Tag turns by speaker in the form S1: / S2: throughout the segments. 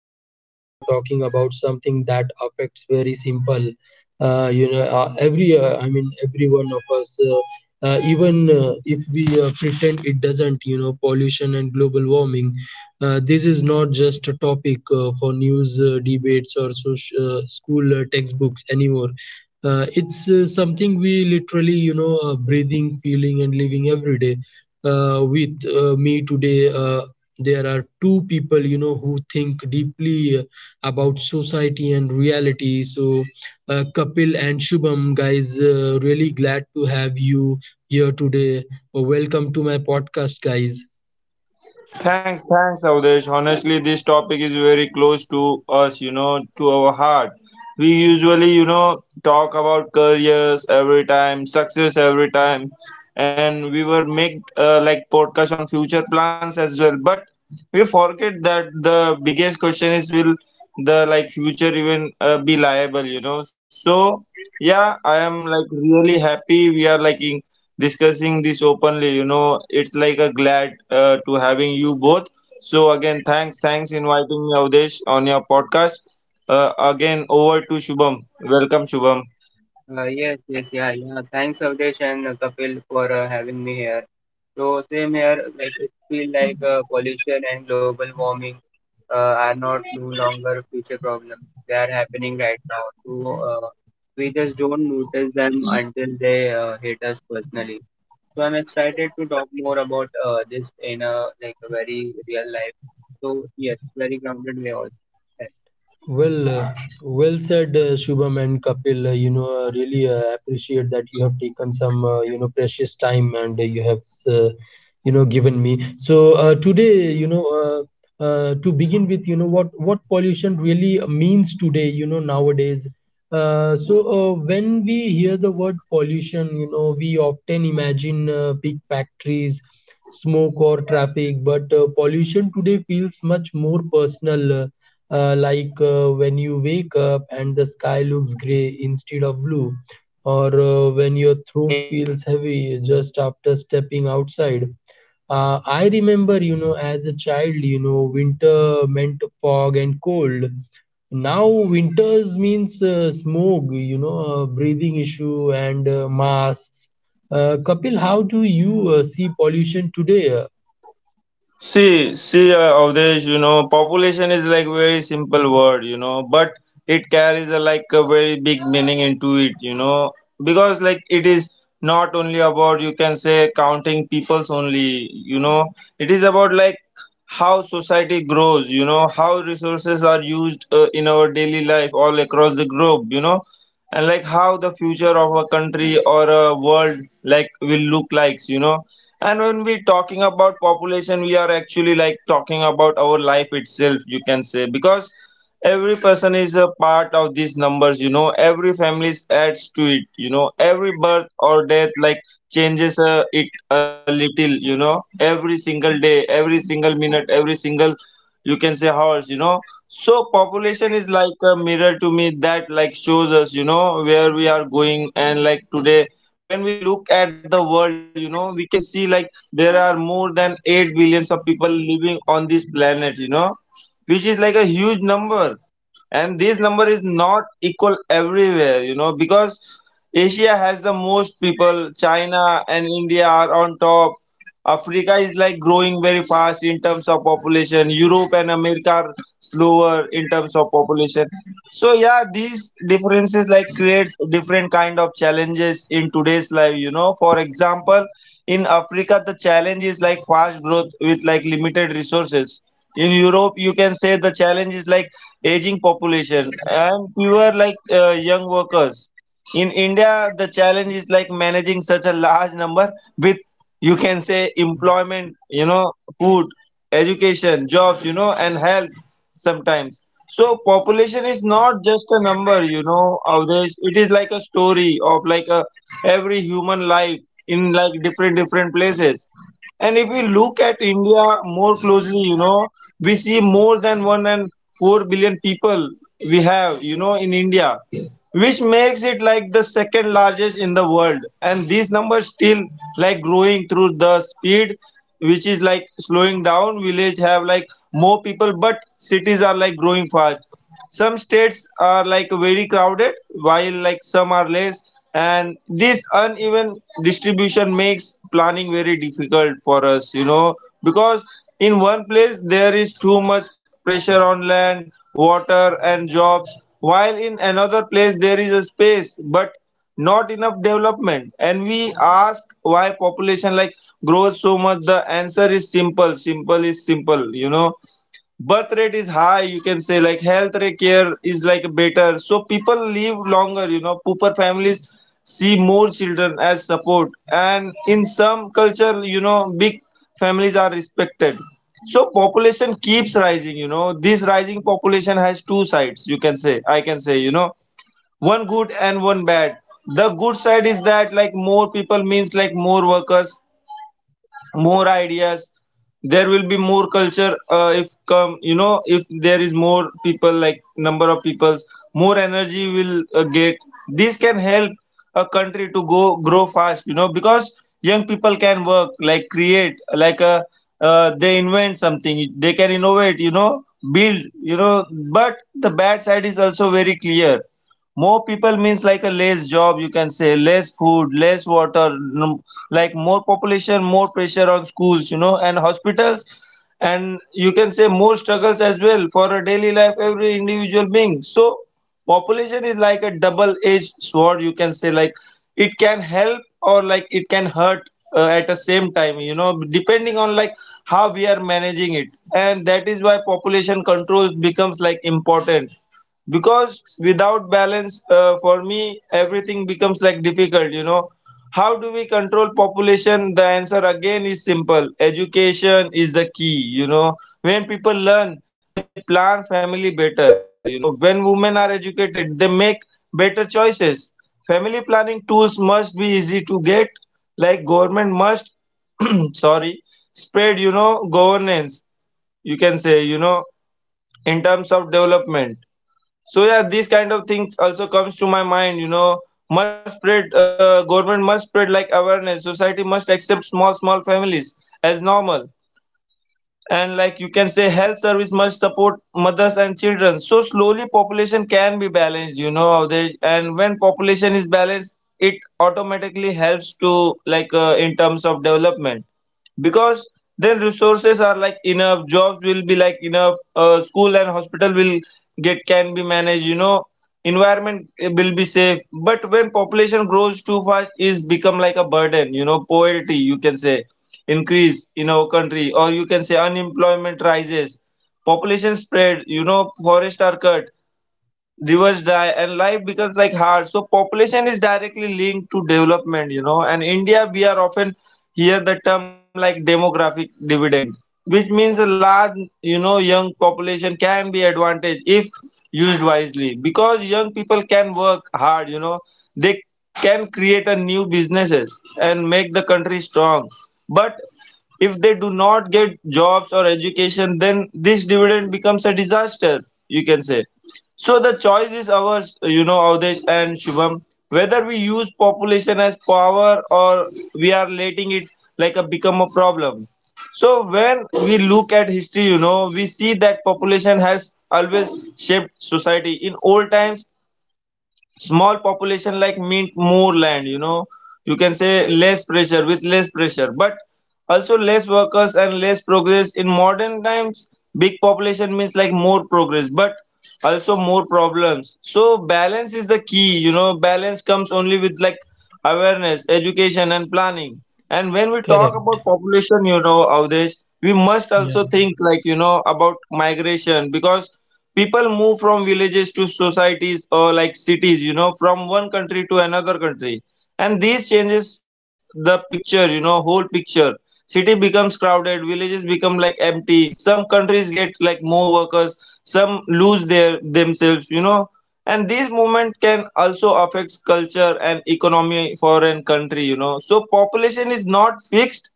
S1: and today we are talking about something that affects very simple. Every I mean, every one of us, even if we pretend it doesn't. Pollution and global warming. This is not just a topic for news debates or social, school textbooks anymore. It's something we literally, breathing, feeling, and living every day with me today. There are two people, who think deeply about society and reality. So, Kapil and Shubham, guys, really glad to have you here today. Welcome to my podcast, guys.
S2: Thanks, Avdesh. Honestly, this topic is very close to us, you know, to our heart. We usually, you know, talk about careers every time, success every time, and we were make like podcast on future plans as well. But we forget that the biggest question is will the like future even be liable, you know? So yeah, I am like really happy we are like in discussing this openly. You know, it's like a glad to having you both so again, thanks inviting me, Avdesh, on your podcast. Again, over to Shubham. Welcome, Shubham.
S3: Yes, yeah. Thanks, Avdesh and Kapil, for having me here. So, same here, like it feel like pollution and global warming uh, are not no longer future problems. They are happening right now. So, we just don't notice them until they hit us personally. So, I'm excited to talk more about this in a like a very real life. So, yes, very grounded way also.
S1: Well, uh, well said, Shubham and Kapil. I really appreciate that you have taken some, precious time and you have, uh, given me. So today, to begin with, what pollution really means today, nowadays. So when we hear the word pollution, we often imagine big factories, smoke or traffic, but pollution today feels much more personal. Like when you wake up and the sky looks gray instead of blue, or when your throat feels heavy just after stepping outside. I remember, as a child, winter meant fog and cold. Now, winters means smoke, breathing issue and masks. Kapil, how do you see pollution today?
S2: See, Avdesh, you know, population is like very simple word, you know, but it carries a like a very big meaning into it, you know, because like it is not only about you can say counting peoples only, you know, it is about like how society grows, you know, how resources are used in our daily life all across the globe, you know, and like how the future of a country or a world like will look like, you know. And when we're talking about population, we are actually like talking about our life itself, you can say, because every person is a part of these numbers, you know, every family adds to it, you know, every birth or death like changes it a little, you know, every single day, every single minute, every single you can say hours, you know. So population is like a mirror to me that like shows us, you know, where we are going. And like today when we look at the world, you know, we can see like there are more than 8 billions of people living on this planet, you know, which is like a huge number. And this number is not equal everywhere, you know, because Asia has the most people, China and India are on top, Africa is like growing very fast in terms of population, Europe and America are slower in terms of population. So yeah, these differences like creates different kind of challenges in today's life, you know. For example, in Africa the challenge is like fast growth with like limited resources. In Europe, you can say the challenge is like aging population and fewer like young workers. In India, the challenge is like managing such a large number with, you can say, employment, you know, food, education, jobs, you know, and health sometimes. So population is not just a number, you know, Avdesh. It is like a story of like a every human life in like different different places. And if we look at India more closely, you know, we see more than one and 4 billion people we have you know in India, which makes it like the second largest in the world. And these numbers still like growing through the speed, which is like slowing down. Village have like more people but cities are like growing fast. Some states are like very crowded while like some are less, and this uneven distribution makes planning very difficult for us, you know, because in one place there is too much pressure on land water and jobs, while in another place there is a space but not enough development. And we ask why population like grows so much. The answer is simple, simple is simple, you know. Birth rate is high, you can say, like health rate care is like better so people live longer, you know, pooper families see more children as support, and in some culture, you know, big families are respected. So population keeps rising, you know. This rising population has two sides, you can say, I can say, you know, one good and one bad. The good side is that like more people means like more workers, more ideas, there will be more culture if come, you know, if there is more people like number of peoples more energy will get. This can help a country to go grow fast, you know, because young people can work like create like a they invent something, they can innovate, you know, build, you know. But the bad side is also very clear. More people means like a less job, you can say less food, less water, like more population, more pressure on schools, you know, and hospitals, and you can say more struggles as well for a daily life every individual being. So population is like a double edged sword, you can say, like it can help or like it can hurt at the same time, you know, depending on like how we are managing it. And that is why population control becomes like important, because without balance for me everything becomes like difficult, you know. How do we control population? The answer again is simple, education is the key, you know. When people learn, they plan family better, you know. When women are educated, they make better choices. Family planning tools must be easy to get. Like government must sorry spread, you know, governance, you can say, you know, in terms of development. So yeah, these kind of things also comes to my mind, you know. Must spread, government must spread like awareness, society must accept small small families as normal, and like you can say health service must support mothers and children, so slowly population can be balanced, you know they, and when population is balanced it automatically helps to like in terms of development, because then resources are like enough, jobs will be like enough, school and hospital will get can be managed, you know, environment will be safe. But when population grows too fast is become like a burden, you know. Poverty, you can say, increase in our country, or you can say unemployment rises, population spread, you know, forests are cut, rivers dry and life becomes like hard. So population is directly linked to development, you know. And India, we are often hear the term like demographic dividend, which means a large, you know, young population can be advantage if used wisely, because young people can work hard, you know, they can create a new businesses and make the country strong. But if they do not get jobs or education, then this dividend becomes a disaster, you can say. So the choice is ours, you know, Avdesh and Shubham, whether we use population as power or we are letting it like a become a problem. So when we look at history, you know, we see that population has always shaped society. In old times, small population like meant more land, you know, you can say less pressure with less pressure, but also less workers and less progress. In modern times, big population means like more progress, but also more problems. So balance is the key, you know. Balance comes only with like awareness, education and planning. And when we talk about
S1: Correct.
S2: population, you know, Avdesh, we must also
S1: Yeah.
S2: think like, you know, about migration, because people move from villages to societies or like cities, you know, from one country to another country, and this changes the picture, you know, whole picture. City becomes crowded, villages become like empty, some countries get like more workers, some lose their themselves, you know. And this movement can also affect culture and economy for an country, you know. So population is not fixed,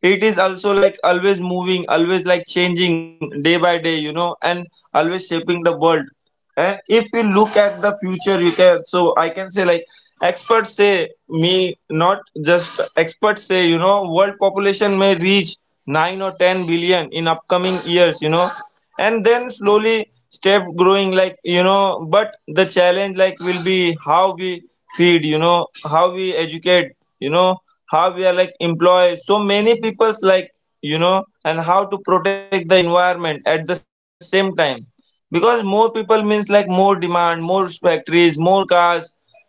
S2: it is also like always moving, always like changing day by day, you know, and always shaping the world. And if you look at the future, you can so I can say like experts say me not just experts say, you know, world population may reach 9 or 10 billion in upcoming years, you know, and then slowly step growing like, you know. But the challenge like will be how we feed, you know, how we educate, you know, how we are like employ so many people's like, you know, and how to protect the environment at the same time, because more people means like more demand, more factories, more cars,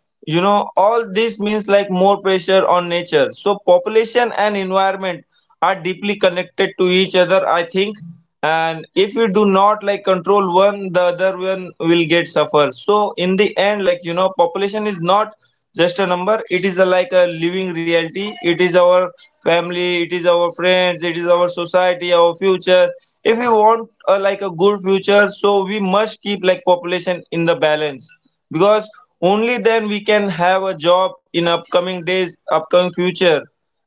S2: you know. All this means like more pressure on nature. So population and environment are deeply connected to each other, I think. And if you do not like control one, the other one will get suffer. So in the end, like, you know, population is not just a number, it is a, like a living reality, it is our family, it is our friends, it is our society, our future. If we want a, like a good future, so we must keep like population in the balance, because only then we can have a job in upcoming days upcoming future,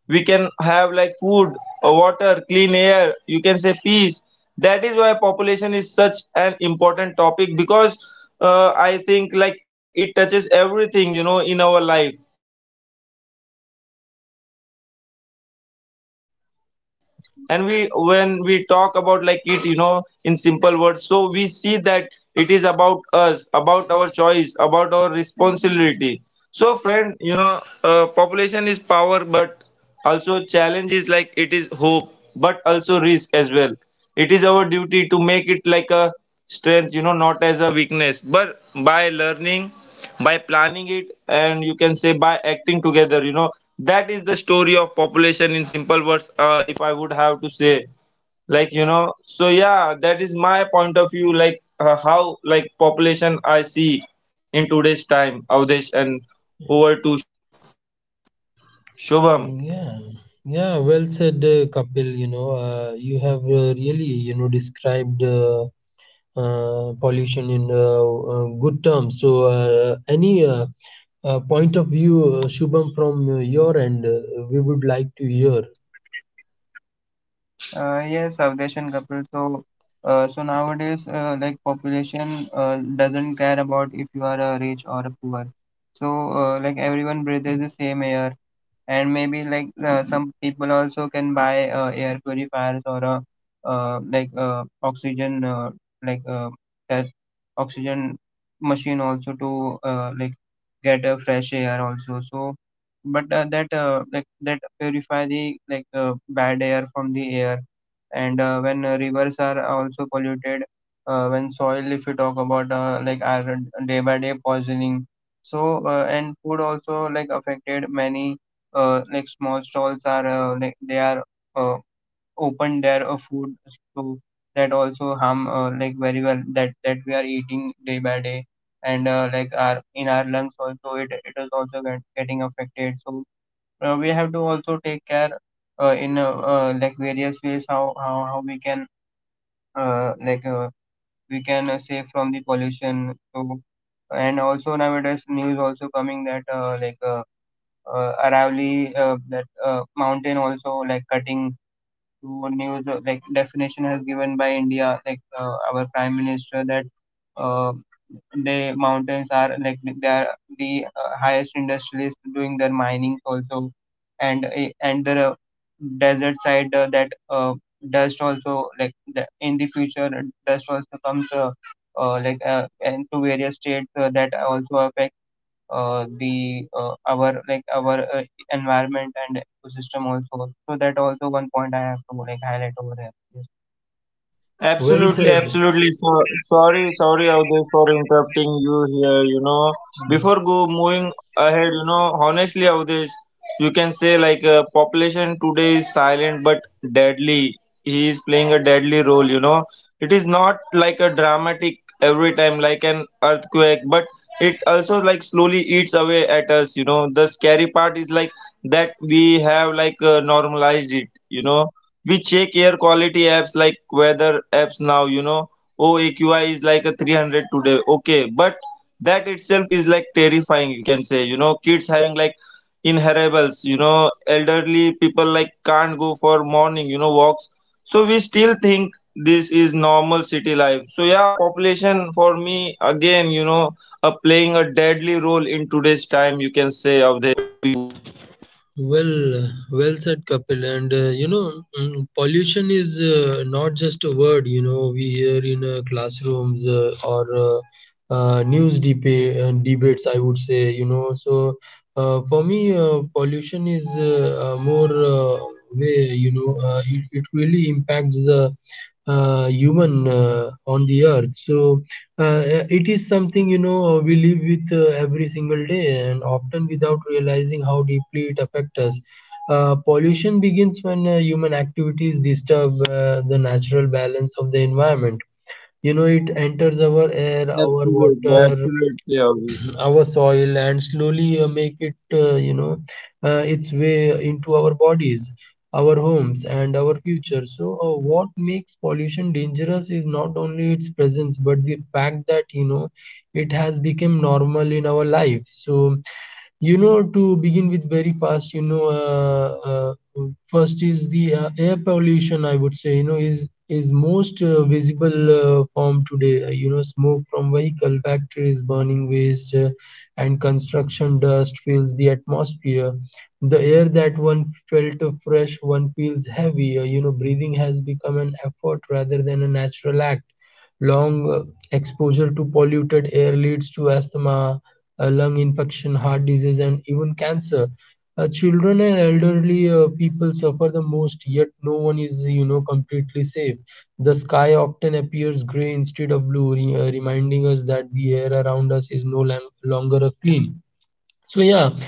S2: we can have like food, water, clean air, you can say peace. That is why population is such an important topic, because I think like it touches everything, you know, in our life, from economy to environment, from health to happiness. And we when we talk about like it, you know, in simple words, so we see that it is about us, about our choice, about our responsibility. So, friend, you know, population is power, but also challenge is like it is hope, but also risk as well. It is our duty to make it like a strength, you know, not as a weakness, but by learning, by planning it, and you can say by acting together, you know, that is the story of population in simple words. If I would have to say, like you know, so yeah, that is my point of view, like how like population I see in today's time, Avdesh, and over to Shubham.
S1: Mm. Yeah, yeah, well said, Kapil. You have really, described pollution in good terms. So, any point of view, Shubham, from your end, we would like to hear.
S3: Yes, Avdesh and Kapil. So, so nowadays, like population doesn't care about if you are rich or poor. So, like everyone breathes the same air, and maybe like some people also can buy air purifiers or a oxygen like uh, that oxygen machine also to like get a fresh air also. So but that like that purify the like bad air from the air. And when rivers are also polluted, when soil, if you talk about like our day by day poisoning. So and food also like affected many. Like small stalls are like they are uh, open their food, so that also harm like very well that we are eating day by day. And like our in our lungs also it is also getting affected. So we have to also take care in like various ways how we can uh, like uh, we can save from the pollution. So and also nowadays news also coming that Aravalli that mountain also like cutting to news, like definition has given by India, like our prime minister, that uh, the mountains are like they are the highest industrialists doing their minings also. And and the desert side, that dust also like the, in the future dust also comes and to various states, that also affect the our like our environment and ecosystem also. So that also 1 point I have to like highlight over here.
S1: Well
S2: Absolutely,
S1: said.
S2: absolutely. So sorry, sorry, Avdesh, for interrupting you here. You know,
S3: Yes,
S2: before go moving ahead, you know, honestly, Avdesh, you can say like population today is silent but deadly. He is playing a deadly role. You know, it is not like a dramatic every time like an earthquake, but it also like slowly eats away at us. You know, the scary part is like that we have like normalized it. You know we check air quality apps like weather apps now, you know. Oh, AQI is like a 300 today, okay, but that itself is like terrifying, you can say, you know, kids having like inheribles, you know, elderly people like can't go for morning, you know, walks, so we still think this is normal city life. So yeah, population for me again, you know, playing a deadly role in today's time, you can say, of the
S1: Well said, Kapil. And pollution is not just a word. We hear in classrooms or news debates. I would say, so for me, pollution is more way. It really impacts the human on the earth. So it is something, we live with every single day and often without realizing how deeply it affects us. Pollution begins when human activities disturb the natural balance of the environment. It enters our air,
S2: absolutely
S1: our
S2: absolutely
S1: water,
S2: obvious
S1: our soil, and slowly make it, its way into our bodies, our homes, and our future. So what makes pollution dangerous is not only its presence but the fact that, it has become normal in our lives. So, to begin with, very fast, first is the air pollution, I would say. You know, is most visible form today. Smoke from vehicle factories, burning waste, and construction dust fills the atmosphere. The air that one felt fresh one feels heavy. You know, breathing has become an effort rather than a natural act. Long exposure to polluted air leads to asthma, lung infection, heart disease, and even cancer. Children and elderly people suffer the most, yet no one is, completely safe. The sky often appears gray instead of blue, reminding us that the air around us is no longer a clean. So yeah,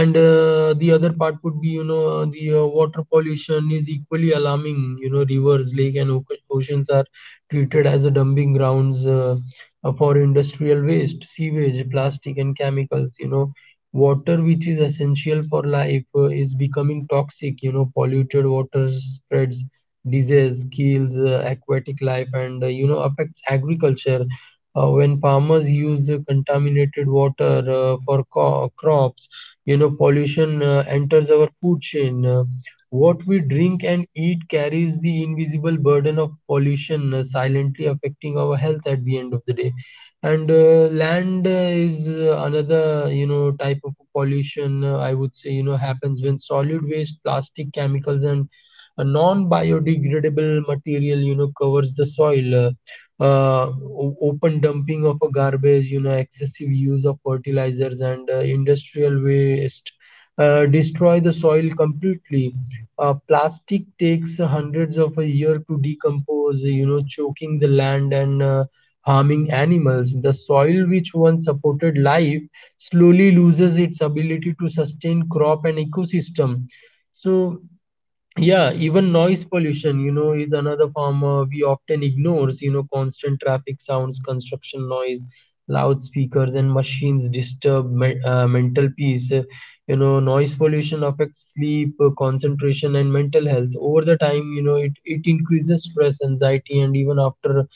S1: and the other part would be, the water pollution is equally alarming. You know, rivers, lake, and oceans are treated as a dumping grounds, for industrial waste, sewage, plastic, and chemicals. You know, water, which is essential for life, is becoming toxic. You know, polluted water spreads disease, kills aquatic life, and, you know, affects agriculture when farmers use the contaminated water for crops. You know, pollution enters our food chain. What we drink and eat carries the invisible burden of pollution, silently affecting our health at the end of the day. And land is another, type of pollution, I would say. You know, happens when solid waste, plastic, chemicals, and a non biodegradable material, covers the soil, uh, open dumping of a garbage, excessive use of fertilizers, and industrial waste destroy the soil completely. Plastic takes hundreds of a year to decompose, choking the land and harming animals. The soil which once supported life slowly loses its ability to sustain crop and ecosystem. So yeah, even noise pollution, is another form we often ignores. You know, constant traffic sounds, construction noise, loudspeakers, and machines disturb mental peace. You know, noise pollution affects sleep, concentration, and mental health. Over the time, it increases stress, anxiety, and even after,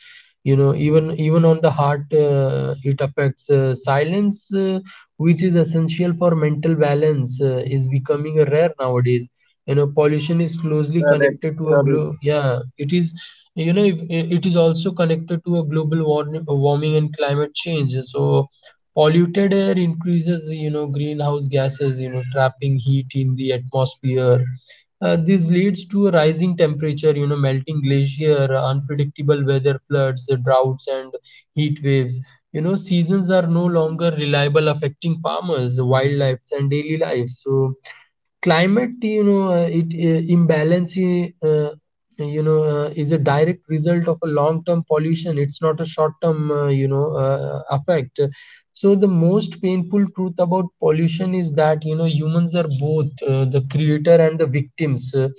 S1: even on the heart, it affects silence, which is essential for mental balance, is becoming rare nowadays. You know, pollution is closely
S2: correct
S1: connected to a
S2: correct
S1: yeah, it is, you know, it is also connected to a global warming and climate change. So polluted air increases, you know, greenhouse gases, you know, trapping heat in the atmosphere. This leads to a rising temperature, you know, melting glacier, unpredictable weather, floods, droughts, and heat waves. You know, seasons are no longer reliable, affecting farmers, wildlife, and daily life. So climate, you know, it imbalance, you know, is a direct result of a long term pollution. It's not a short term, you know, effect. So the most painful truth about pollution is that, you know, humans are both the creator and the victims.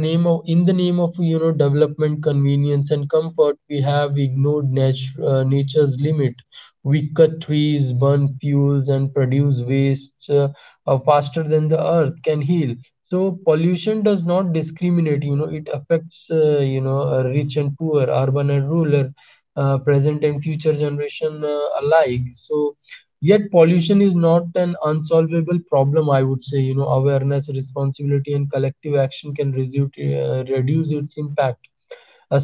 S1: The name of in the name of, you know, development, convenience, and comfort, we have ignored nature's limit. We cut trees, burn fuels, and produce wastes, faster than the earth can heal. So pollution does not discriminate, you know, it affects, rich and poor, urban and rural, present and future generation, alike. So yet pollution is not an unsolvable problem, I would say. You know, awareness, responsibility, and collective action can reduce its impact.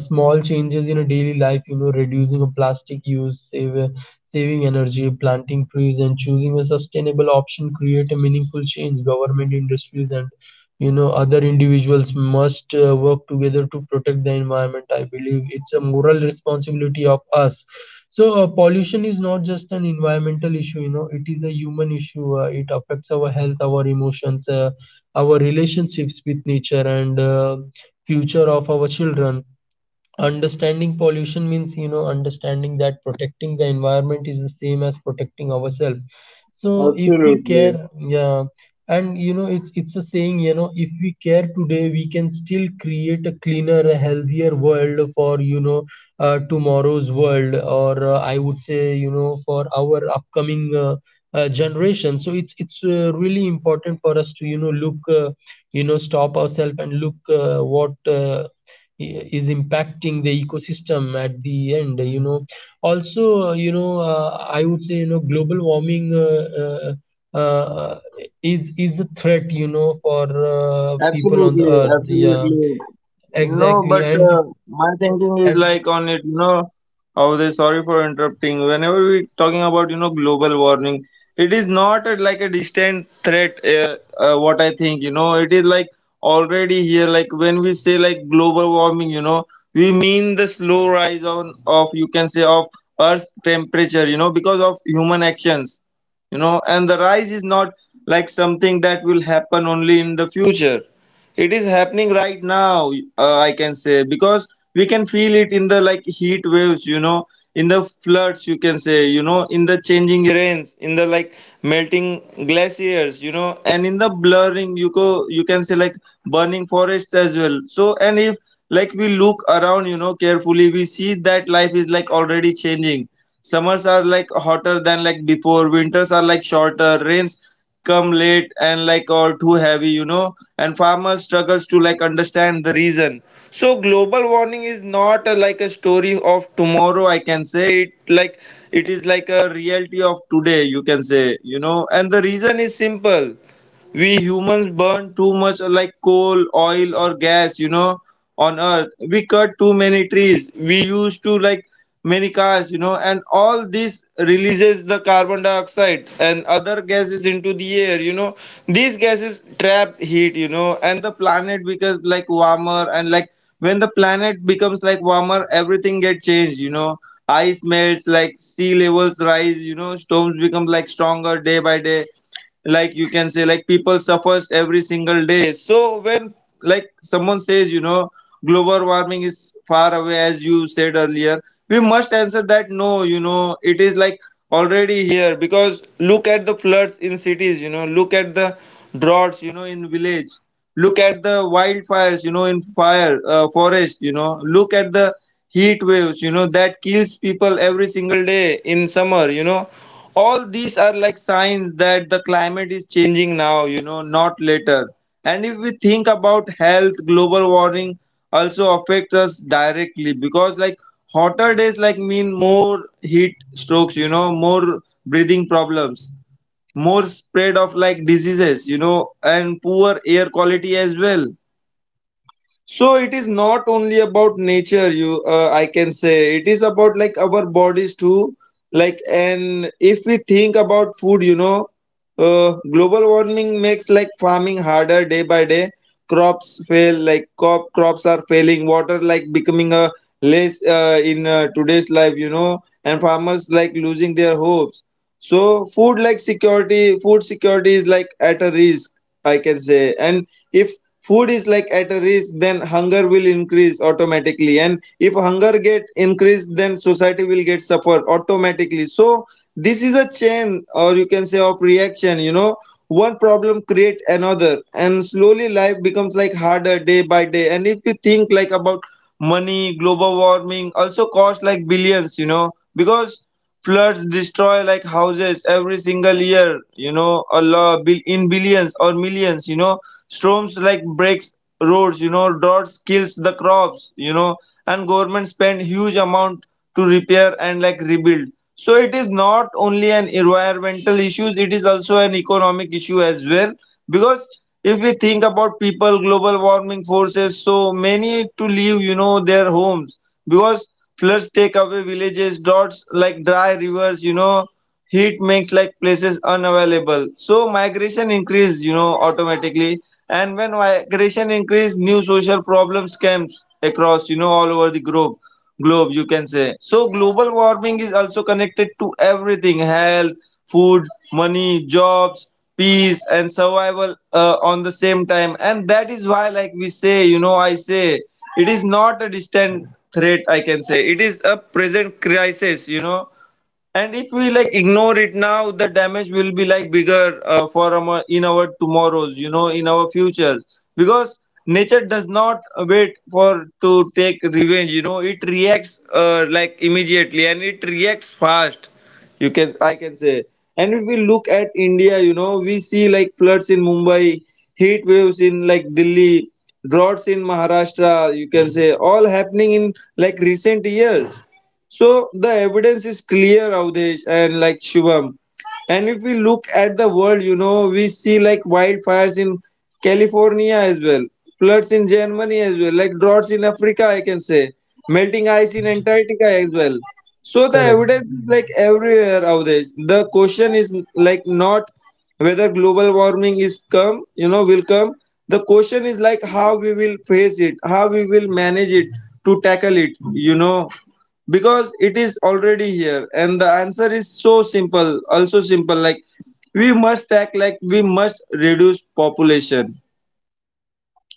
S1: A small changes in a daily life, you know, reducing a plastic use, saving energy, planting trees, and choosing a sustainable option create a meaningful change. Government, industries, and, you know, other individuals must work together to protect the environment. I believe it's a moral responsibility of us. So pollution is not just an environmental issue, you know, it is a human issue. It affects our health, our emotions, our relationships with nature, and future of our children. Understanding pollution means, you know, understanding that protecting the environment is the same as protecting ourselves. So if
S2: Absolutely,
S1: we care, yeah, and, you know, it's a saying, you know, if we care today, we can still create a cleaner, a healthier world for, you know, tomorrow's world, or I would say, you know, for our upcoming generation. So it's really important for us to, you know, look, stop ourselves and look what uh, is impacting the ecosystem at the end, you know. Also, you know, I would say, you know, global warming uh, uh, is a threat, you know, for people on the
S2: absolutely,
S1: earth. Yeah,
S2: absolutely. No, but
S1: exactly, and
S2: my thinking is
S1: and
S2: like on it, you know, how they sorry for interrupting. Whenever we talking about, you know, global warming, it is not a, like a distant threat, what I think, you know, it is like already here. Like when we say like global warming, you know, we mean the slow rise on of, you can say, of Earth's temperature, you know, because of human actions, you know, and the rise is not like something that will happen only in the future. It is happening right now, I can say, because we can feel it in the like heat waves, you know, in the floods, you can say, you know, in the changing rains, in the like melting glaciers, you know, and in the blurring, you can say like burning forests as well. So, and if like we look around, you know, carefully, we see that life is like already changing. Summers are like hotter than like before, winters are like shorter, rains come late and like or too heavy, you know, and farmers struggles to like understand the reason. So global warming is not a, like a story of tomorrow, I can say, it like it is like a reality of today, you can say, you know, and the reason is simple. We humans burn too much like coal, oil or gas, you know, on earth, we cut too many trees, we used to like many cars, you know, and all this releases the carbon dioxide and other gases into the air, you know. These gases trap heat, you know, and the planet becomes like warmer, and like when the planet becomes like warmer, everything get changed, you know. Ice melts, like sea levels rise, you know, storms become like stronger day by day, like you can say, like people suffers every single day. So when like someone says, you know, global warming is far away, as you said earlier, we must answer that no, you know, it is like already here, because look at the floods in cities, you know, look at the droughts, you know, in village, look at the wildfires, you know, in fire forest, you know, look at the heat waves, you know, that kills people every single day in summer, you know, all these are like signs that the climate is changing now, you know, not later. And if we think about health, global warming also affects us directly, because like hotter days like mean more heat strokes, you know, more breathing problems, more spread of like diseases, you know, and poor air quality as well. So it is not only about nature, you I can say it is about like our bodies too. Like, and if we think about food, you know, global warming makes like farming harder day by day. Crops fail, like crops are failing. Water like becoming a less in today's life, you know, and farmers like losing their hopes. So food like security, food security is like at a risk, I can say, and if food is like at a risk, then hunger will increase automatically, and if hunger get increased, then society will get suffer automatically. So this is a chain, or you can say of reaction, you know, one problem create another, and slowly life becomes like harder day by day. And if we think like about money, global warming also cost like billions, you know, because floods destroy like houses every single year, you know, a lot in billions or millions, you know, storms like breaks roads, you know, droughts kills the crops, you know, and government spend huge amount to repair and like rebuild. So it is not only an environmental issue, it is also an economic issue as well. Because if we think about people, global warming forces so many to leave, you know, their homes, because floods take away villages, droughts like dry rivers, you know, heat makes like places unavailable, so migration increase, you know, automatically. And when migration increase, new social problems comes across, you know, all over the globe, globe you can say. So global warming is also connected to everything, health, food, money, jobs, peace and survival on the same time, and that is why like we say, you know, I say it is not a distant threat, I can say it is a present crisis, you know. And if we like ignore it now, the damage will be like bigger for our, in our tomorrows, you know, in our futures. Because nature does not wait for to take revenge, you know, it reacts like immediately, and it reacts fast. You can I can say. And if we look at India, you know, we see like floods in Mumbai, heat waves in like Delhi, droughts in Maharashtra, you can say, all happening in like recent years. So the evidence is clear, Avdesh and like Shubham. And if we look at the world, you know, we see like wildfires in California as well, floods in Germany as well, like droughts in Africa, I can say, melting ice in
S1: correct,
S2: Antarctica as well. So the
S1: correct,
S2: evidence is like everywhere, Avdesh. The question is like not whether global warming is come, you know, will come. The question is like how we will face it, how we will manage it to tackle it, you know, because it is already here, and the answer is so simple, also simple like we must act, like we must reduce population,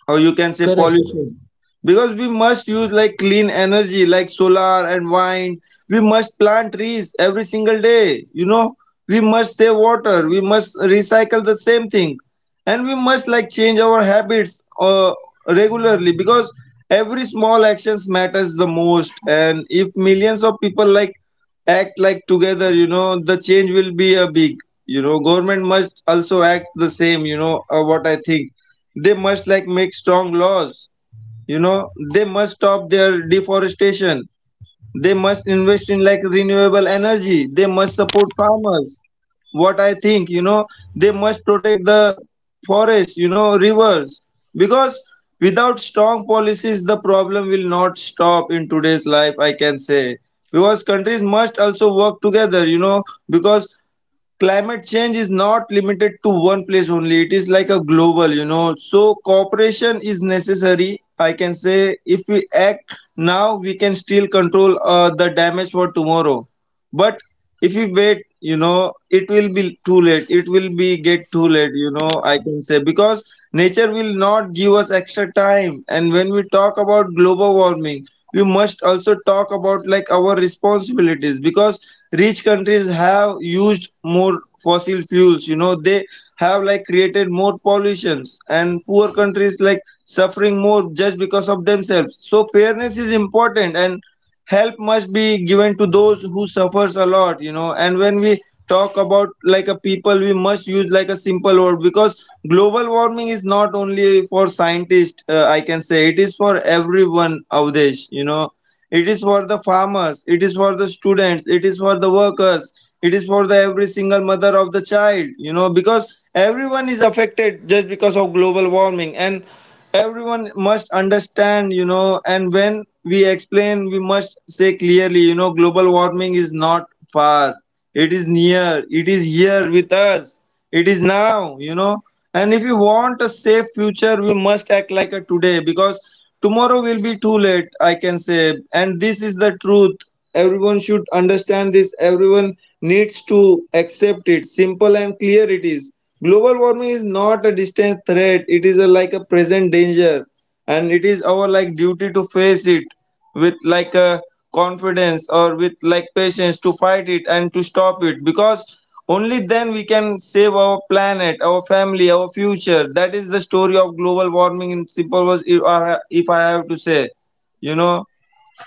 S2: or you can say
S1: correct.
S2: pollution, because we must use like clean energy, like solar and wind. We must plant trees every single day, you know, we must save water, we must recycle the same thing, and we must like change our habits regularly, because every small actions matters the most, and if millions of people like act like together, you know, the change will be a big. You know, government must also act the same, you know, what I think they must like make strong laws, you know, they must stop their deforestation, they must invest in like renewable energy, they must support farmers, what I think, you know, they must protect the forests, you know, rivers, because without strong policies, the problem will not stop in today's life, I can say. Because countries must also work together, you know, because climate change is not limited to one place only, it is like a global, you know, so cooperation is necessary, I can say. If we act now, we can still control the damage for tomorrow, but if we wait, you know, it will be too late, it will be get too late, you know, I can say, because nature will not give us extra time. And when we talk about global warming, we must also talk about like our responsibilities, because rich countries have used more fossil fuels, you know, they have like created more pollutions, and poor countries like suffering more just because of themselves, so fairness is important, and help must be given to those who suffers a lot, you know. And when we talk about like a people, we must use like a simple word, because global warming is not only for scientists I can say it is for everyone, Avdesh, you know. It is for the farmers, it is for the students, it is for the workers, it is for the every single mother of the child, you know, because everyone is affected just because of global warming. And everyone must understand, you know, and when we explain we must say clearly, you know, global warming is not far, it is near, it is here with us, it is now, you know. And if we want a safe future we must act like a today, because tomorrow will be too late, I can say, and this is the truth. Everyone should understand this, everyone needs to accept it. Simple and clear it is. Global warming is not a distant threat, it is a, like a present danger, and it is our like duty to face it with like a confidence, or with like patience, to fight it and to stop it, because only then we can save our planet, our family, our future. That is the story of global warming in simple words, if I, if I have to say, you know.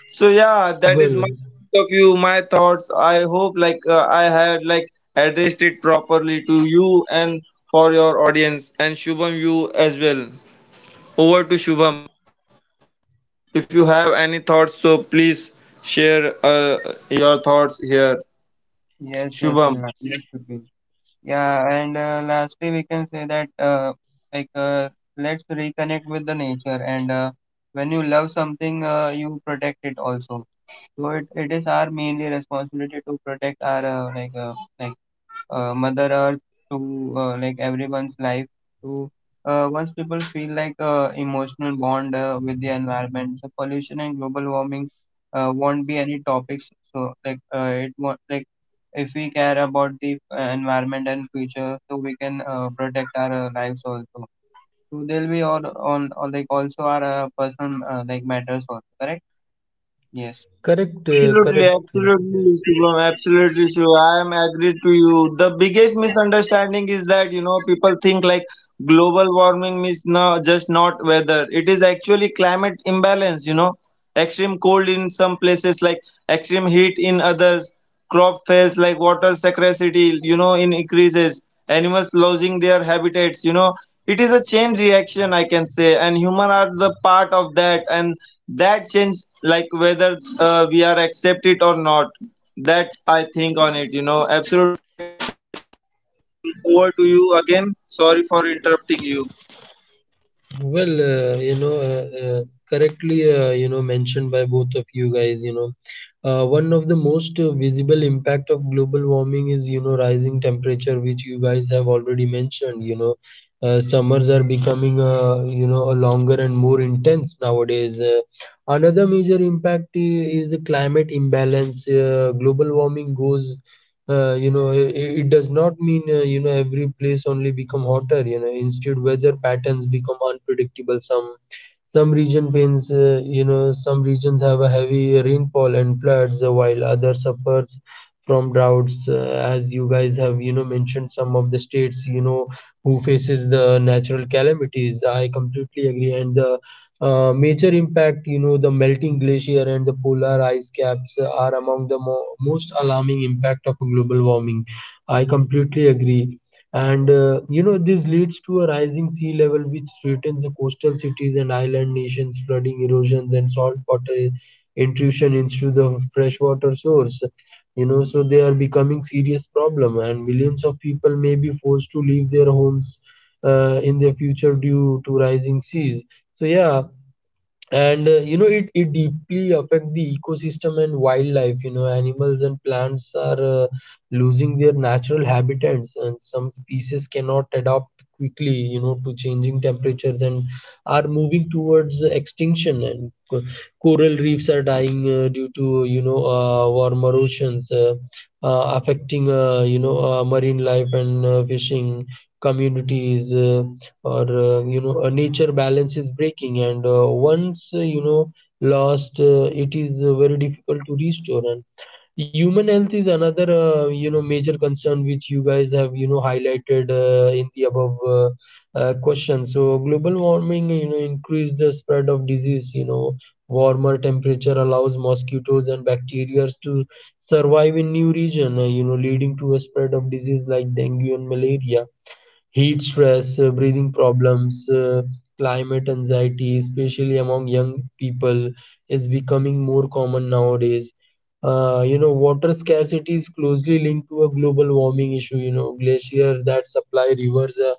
S2: So yeah, that is my
S1: Well,
S2: point of view, my thoughts. I hope like I had like addressed it properly to you and for your audience, and Shubham you as well. Over to Shubham. If you have any thoughts, so please share your thoughts here, Shubham.
S3: yes, that should be. Yeah, and lastly we can say that like uh, let's reconnect with the nature. And when you love something, you protect it also. So it is our mainly responsibility to protect our like Mother Earth, to like everyone's life. To once people feel like emotional bond with the environment, so pollution and global warming won't be any topics. So like it won't like, if we care about the environment and future, so we can protect our lives also. So they'll be all on all, like also our personal like matters also. Correct? Yes.
S1: correct, correct.
S2: Absolutely,
S1: Yeah.
S2: absolutely, Shubham, absolutely, Shubham. I am agreed to you. The biggest misunderstanding is that, you know, people think like global warming means no, just not weather. It is actually climate imbalance. You know, extreme cold in some places, like extreme heat in others. Crop fails, like water scarcity. You know, in increases. Animals losing their habitats. You know, it is a chain reaction, I can say, and human are the part of that. And that change, like whether we are accept it or not, that I think on it, you know. Absolutely. Over to you again, sorry for interrupting you.
S1: Well, you know, correctly, you know, mentioned by both of you guys, you know, one of the most visible impact of global warming is, you know, rising temperature, which you guys have already mentioned, you know, summers are becoming, you know, a longer and more intense nowadays. Another major impact is the climate imbalance. Global warming goes, you know, it does not mean, you know, every place only become hotter. You know, instead weather patterns become unpredictable. Some region pains, you know, some regions have a heavy rainfall and floods, while others suffers from droughts, as you guys have, you know, mentioned some of the states, you know, who faces the natural calamities. I completely agree. And the major impact, you know, the melting glacier and the polar ice caps are among the most alarming impact of global warming. I completely agree. And, you know, this leads to a rising sea level, which threatens the coastal cities and island nations, flooding, erosions, and saltwater intrusion into the freshwater source. So they are becoming serious problem, and millions of people may be forced to leave their homes in the future due to rising seas. So yeah, and it deeply affect the ecosystem and wildlife, animals and plants are losing their natural habitats, and some species cannot adapt quickly to changing temperatures and are moving towards extinction, and coral reefs are dying due to warmer oceans, affecting marine life and fishing communities, or a nature balance is breaking, and once lost, it is very difficult to restore. And human health is another major concern, which you guys have highlighted in the above, question. So global warming, increase the spread of disease. Warmer temperature allows mosquitoes and bacteria to survive in new region, leading to a spread of disease like dengue and malaria. Heat stress, breathing problems, climate anxiety, especially among young people, is becoming more common nowadays. Water scarcity is closely linked to a global warming issue. Glaciers that supply rivers uh,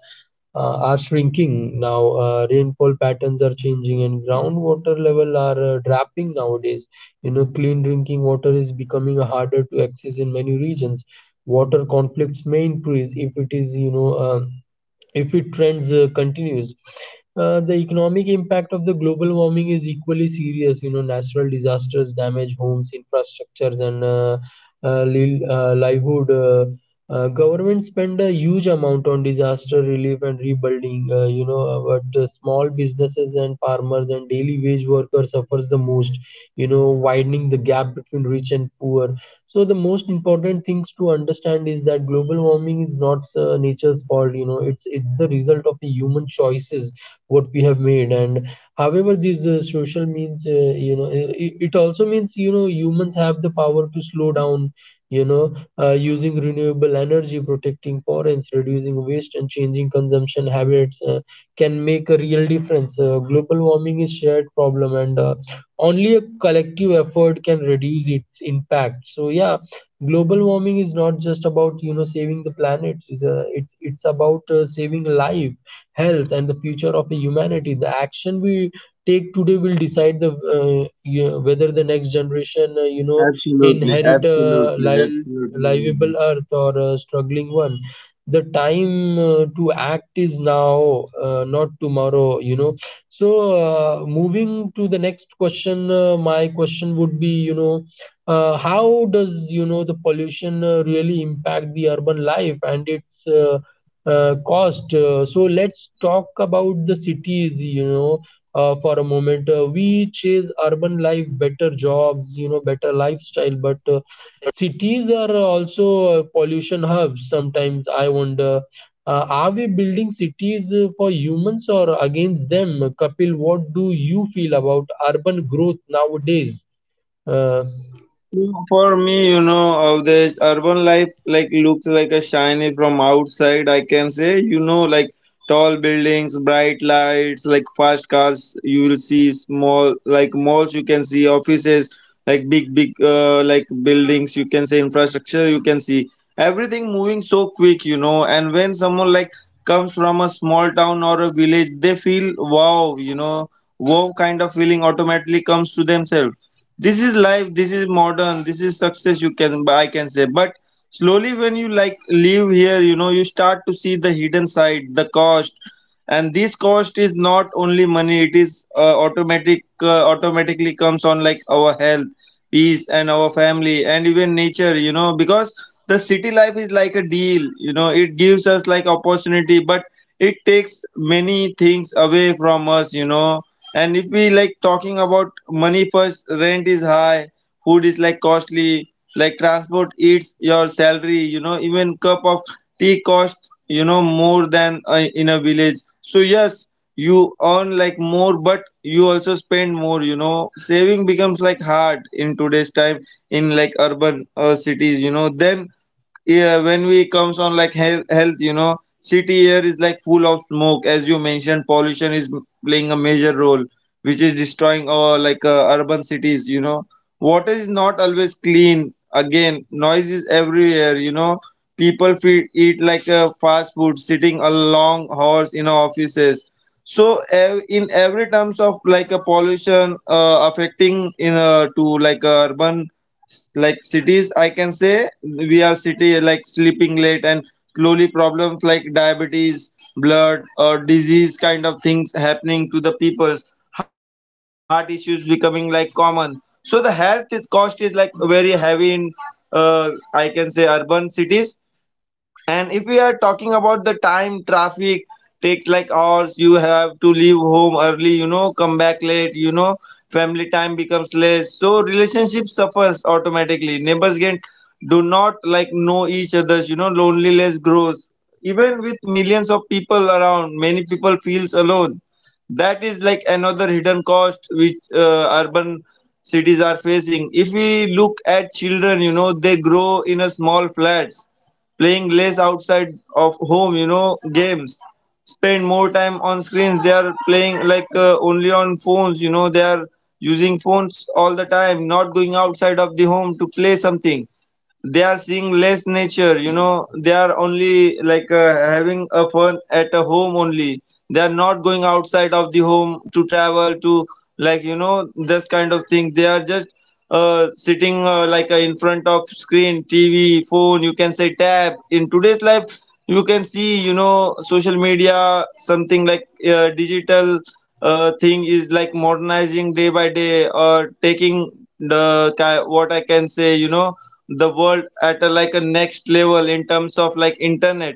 S1: uh, are shrinking now. Rainfall patterns are changing, and groundwater level are dropping nowadays. Clean drinking water is becoming harder to access in many regions. Water conflicts may increase if it is, you know, if it trends continues. The economic impact of the global warming is equally serious. Natural disasters damage homes, infrastructures, and livelihood. Government spend a huge amount on disaster relief and rebuilding, but small businesses and farmers and daily wage workers suffers the most, widening the gap between rich and poor. So the most important things to understand is that global warming is not nature's fault. It's the result of the human choices what we have made. And however, these social means, it, it also means, humans have the power to slow down. Using renewable energy, protecting forests, reducing waste, and changing consumption habits can make a real difference. Global warming is shared problem, and only a collective effort can reduce its impact. So yeah, global warming is not just about saving the planet. It's about saving life, health, and the future of the humanity. The action we take today will decide whether the next generation inherit a
S2: Absolutely, absolutely,
S1: livable earth or
S2: absolutely.
S1: a struggling one. The time to act is now, not tomorrow. So, moving to the next question, my question would be, how does, the pollution really impact the urban life and its cost? So let's talk about the cities, for a moment. We chase urban life, better jobs, better lifestyle, but cities are also pollution hubs sometimes. I wonder, are we building cities for humans or against them? Kapil, what do you feel about urban growth nowadays? Uh,
S2: For me, you know, of this urban life like looks like a shiny from outside, I can say, you know, like tall buildings, bright lights, like fast cars, you will see small like malls you can see, offices, like big like buildings you can say, infrastructure you can see. Everything moving so quick, you know, and when someone like comes from a small town or a village, they feel wow, you know, wow kind of feeling automatically comes to themselves. This is life, this is modern, this is success, you can, I can say. But slowly when you like live here, you know, you start to see the hidden side, the cost. And this cost is not only money, it is automatically comes on like our health, peace and our family and even nature, you know, because the city life is like a deal, you know, it gives us like opportunity, but it takes many things away from us, you know. And if we like talking about money, first, rent is high, food is like costly, like transport eats your salary, you know, even cup of tea costs, you know, more than in a village. So yes, you earn like more, but you also spend more, you know, saving becomes like hard in today's time in like urban cities, you know. Then yeah, when we comes on like health, you know, city air is like full of smoke, as you mentioned pollution is playing a major role, which is destroying our like urban cities, you know. Water is not always clean, again noise is everywhere, you know, people feed, eat like fast food, sitting a long hours in our offices. So in every terms of like a pollution, affecting in to like urban like cities, I can say. We are city like sleeping late, and slowly problems like diabetes, blood or disease kind of things happening to the people's. Heart issues becoming like common, so the health is, cost is like very heavy in uh, I can say urban cities. And if we are talking about the time, traffic takes like hours, you have to leave home early, you know, come back late, you know, family time becomes less. So relationship suffers automatically. Neighbors get, do not like know each other's, you know, loneliness grows. Even with millions of people around, many people feels alone. That is like another hidden cost which urban cities are facing. If we look at children, you know, they grow in a small flats, playing less outside of home, you know, games, spend more time on screens, they are playing like only on phones, you know, they are using phones all the time, not going outside of the home to play something. They are seeing less nature, you know, they are only like having a fun at a home only, they are not going outside of the home to travel to, like, you know, this kind of thing. They are just sitting in front of screen, TV, phone, you can say, tab in today's life. You can see, you know, social media, something like digital thing is like modernizing day by day, or taking the what I can say, you know, the world at a, like a next level in terms of like internet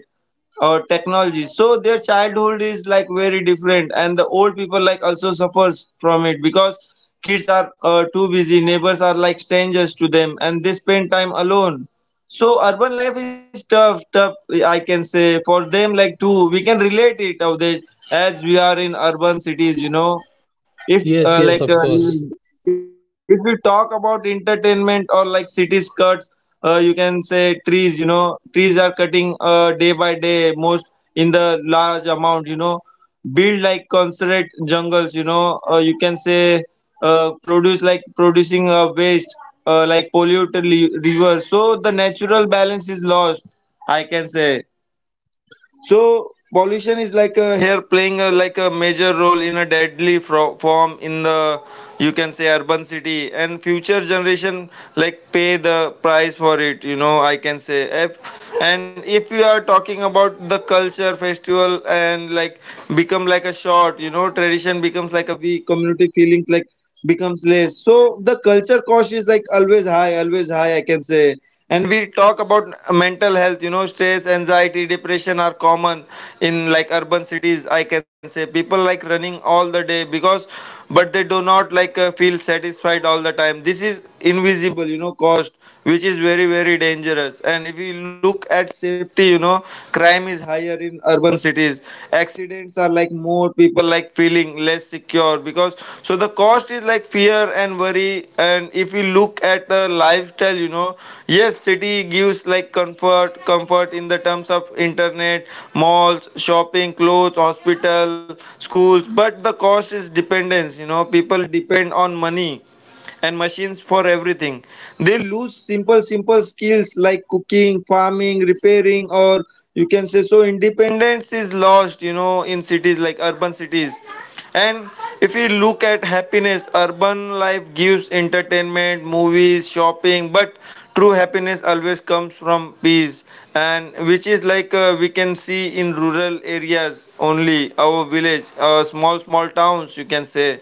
S2: or technology. So their childhood is like very different, and the old people like also suffers from it, because kids are too busy, neighbors are like strangers to them, and they spend time alone. So urban life is tough, I can say, for them like too. We can relate it of this, as we are in urban cities, you know, if
S1: Yes, yes, of course.
S2: living. If we talk about entertainment, or like city skirts, you can say trees, you know, trees are cutting day by day, most in the large amount, you know, build like concentrate jungles, you know, you can say, produce like producing waste, like polluted rivers. So the natural balance is lost, I can say. So pollution is like a here playing a, like a major role in a deadly form in the, you can say, urban city, and future generation like pay the price for it, you know, I can say. If, and if you are talking about the culture, festival and like become like a short, you know, tradition becomes like a weak, community feelings like becomes less. So the culture cost is like always high, I can say. And we talk about mental health, you know, stress, anxiety, depression are common in like urban cities, I can say. People like running all the day because, but they do not like feel satisfied all the time. This is invisible, you know, cost, which is very, very dangerous. And if you look at safety, you know, crime is higher in urban cities, accidents are like more, people like feeling less secure because. So the cost is like fear and worry. And if we look at the lifestyle, you know, yes, city gives like comfort in the terms of internet, malls, shopping, clothes, hospital, schools, but the cost is dependence, you know, people depend on money and machines for everything. They lose simple skills like cooking, farming, repairing, or you can say, so independence is lost, you know, in cities like urban cities. And if we look at happiness, urban life gives entertainment, movies, shopping, but true happiness always comes from peace, and which is like we can see in rural areas only, our village, our small, small towns, you can say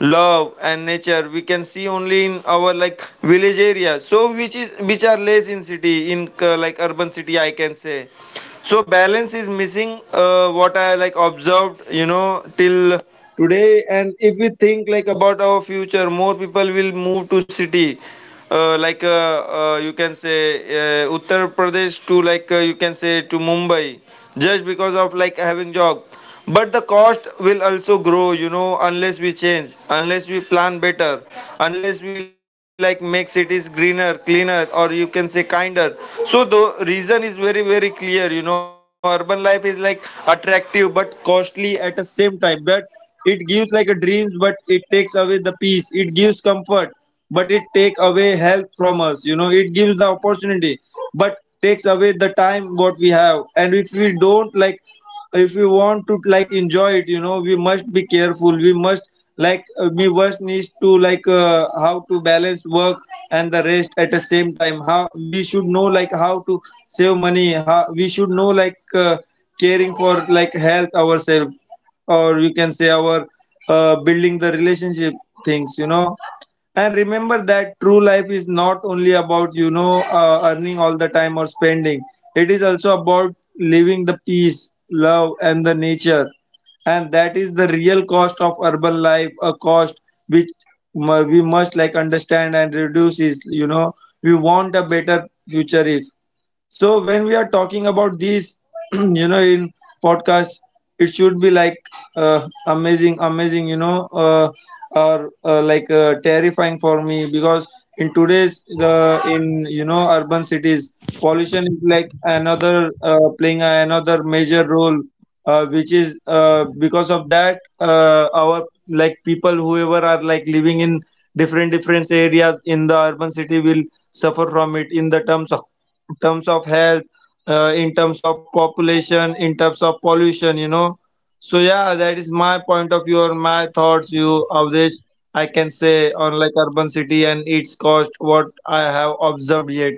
S2: love and nature we can see only in our like village area, so which is which are less in city in like urban city I can say. So balance is missing, what I like observed, you know, till today. And if we think like about our future, more people will move to city, you can say, Uttar Pradesh to like, you can say, to Mumbai, just because of like having job. But the cost will also grow, you know, unless we change, unless we plan better, unless we like make cities greener, cleaner, or you can say kinder. So the reason is very very clear, you know, urban life is like attractive but costly at the same time, but it gives like a dreams but it takes away the peace, it gives comfort but it take away health from us, you know, it gives the opportunity but takes away the time what we have. And if we don't like, if we want to like enjoy it, you know, we must be careful, we must like we must needs to like, how to balance work and the rest at the same time, how we should know like how to save money, how we should know like, caring for like health ourselves, or you can say our building the relationship things, you know. And remember that true life is not only about, you know, earning all the time or spending, it is also about living the peace, love and the nature. And that is the real cost of urban life, a cost which we must like understand and reduce is, you know, we want a better future if. So when we are talking about these, you know, in podcast, it should be like amazing, you know, or like terrifying for me, because in today's in, you know, urban cities, pollution is like another playing another major role, which is because of that our like people whoever are like living in different different areas in the urban city will suffer from it in the terms of, in terms of health, in terms of population, in terms of pollution, you know. So yeah, that is my point of view or my thoughts view of this. I can say on like urban city and its cost, what I have observed yet.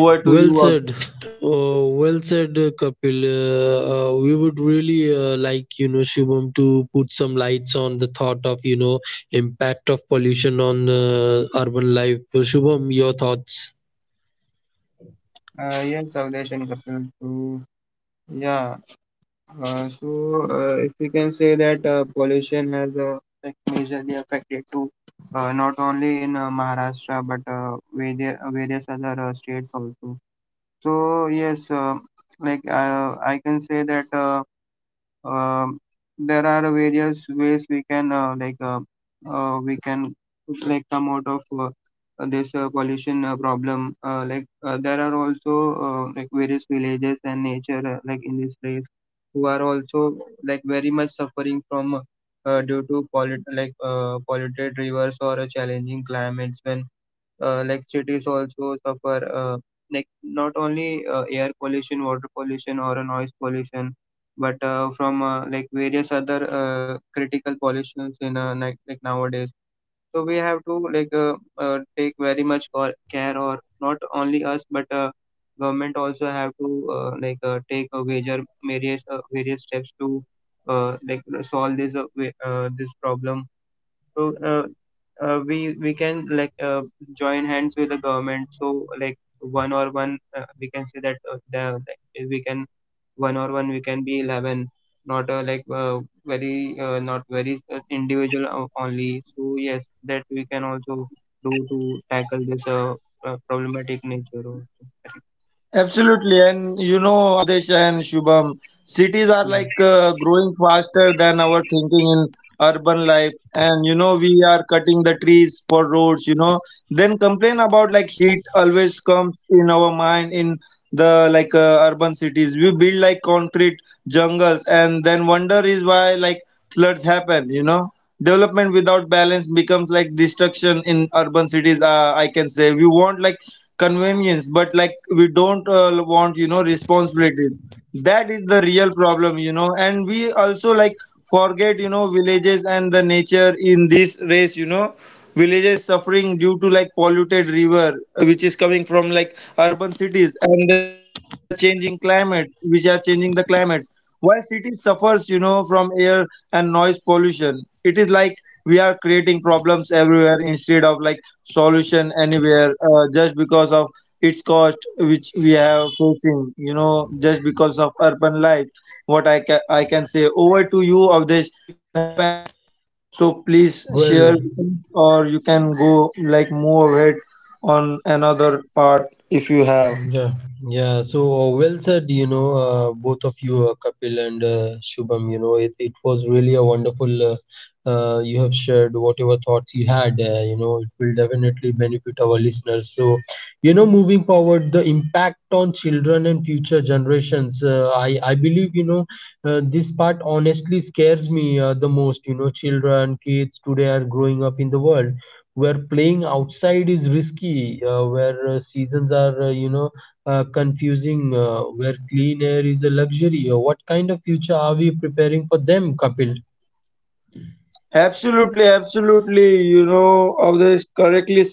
S2: Over to
S1: Well
S2: you.
S1: said. Oh, well said, Kapil. We would really like, Shubham to put some lights on the thought of, impact of pollution on urban life. Shubham, your thoughts?
S3: Yes, Avdesh and Kapil. So yeah. So, if we can say that pollution has like majorly affected to not only in Maharashtra but various, various other states also. So, yes, I can say that. Um, there are various ways we can we can like come out of this pollution problem. Like there are also like various villages and nature like in this place who are also like very much suffering from due to pollut like polluted rivers or challenging climates. When like cities also suffer, like not only air pollution, water pollution, or a noise pollution, but from like various other critical pollutions in like nowadays. So we have to like take very much care, or not only us but government also have to take a major various various steps to like solve this problem. So uh, we can like join hands with the government. So like one or one, we can say that the like, if we can one or one we can be 11, not like very not very individual only. So yes, that we can also do to tackle this problematic nature also.
S2: Absolutely, and you know, Avdesh and Shubham, cities are like
S3: Yeah.
S2: growing faster than our thinking in urban life. And you know, we are cutting the trees for roads. You know, then complain about like heat always comes in our mind in the like urban cities. We build like concrete jungles, and then wonder is why like floods happen. You know, development without balance becomes like destruction in urban cities. I can say we want like convenience, but like we don't want, you know, responsibility. That is the real problem, you know. And we also like forget, you know, villages and the nature in this race, you know, villages suffering due to like polluted river, which is coming from like urban cities and the changing climate which are changing the climates, while cities suffers, you know, from air and noise pollution. It is like we are creating problems everywhere instead of like solution anywhere, just because of its cost which we have facing, you know, just because of urban life. What I can, I can say, over to you of this, so please share,
S1: Well.
S2: or you can go like move ahead on another part if you have.
S1: Yeah, yeah. So well said, both of you, Kapil and Shubham. It was really a wonderful. You have shared whatever thoughts you had. It will definitely benefit our listeners. So, moving forward, the impact on children and future generations. I believe, this part honestly scares me the most. Children, kids today are growing up in the world where playing outside is risky, where seasons are, confusing, where clean air is a luxury. What kind of future are we preparing for them, Kapil?
S2: Absolutely, absolutely. You know, always correctly said.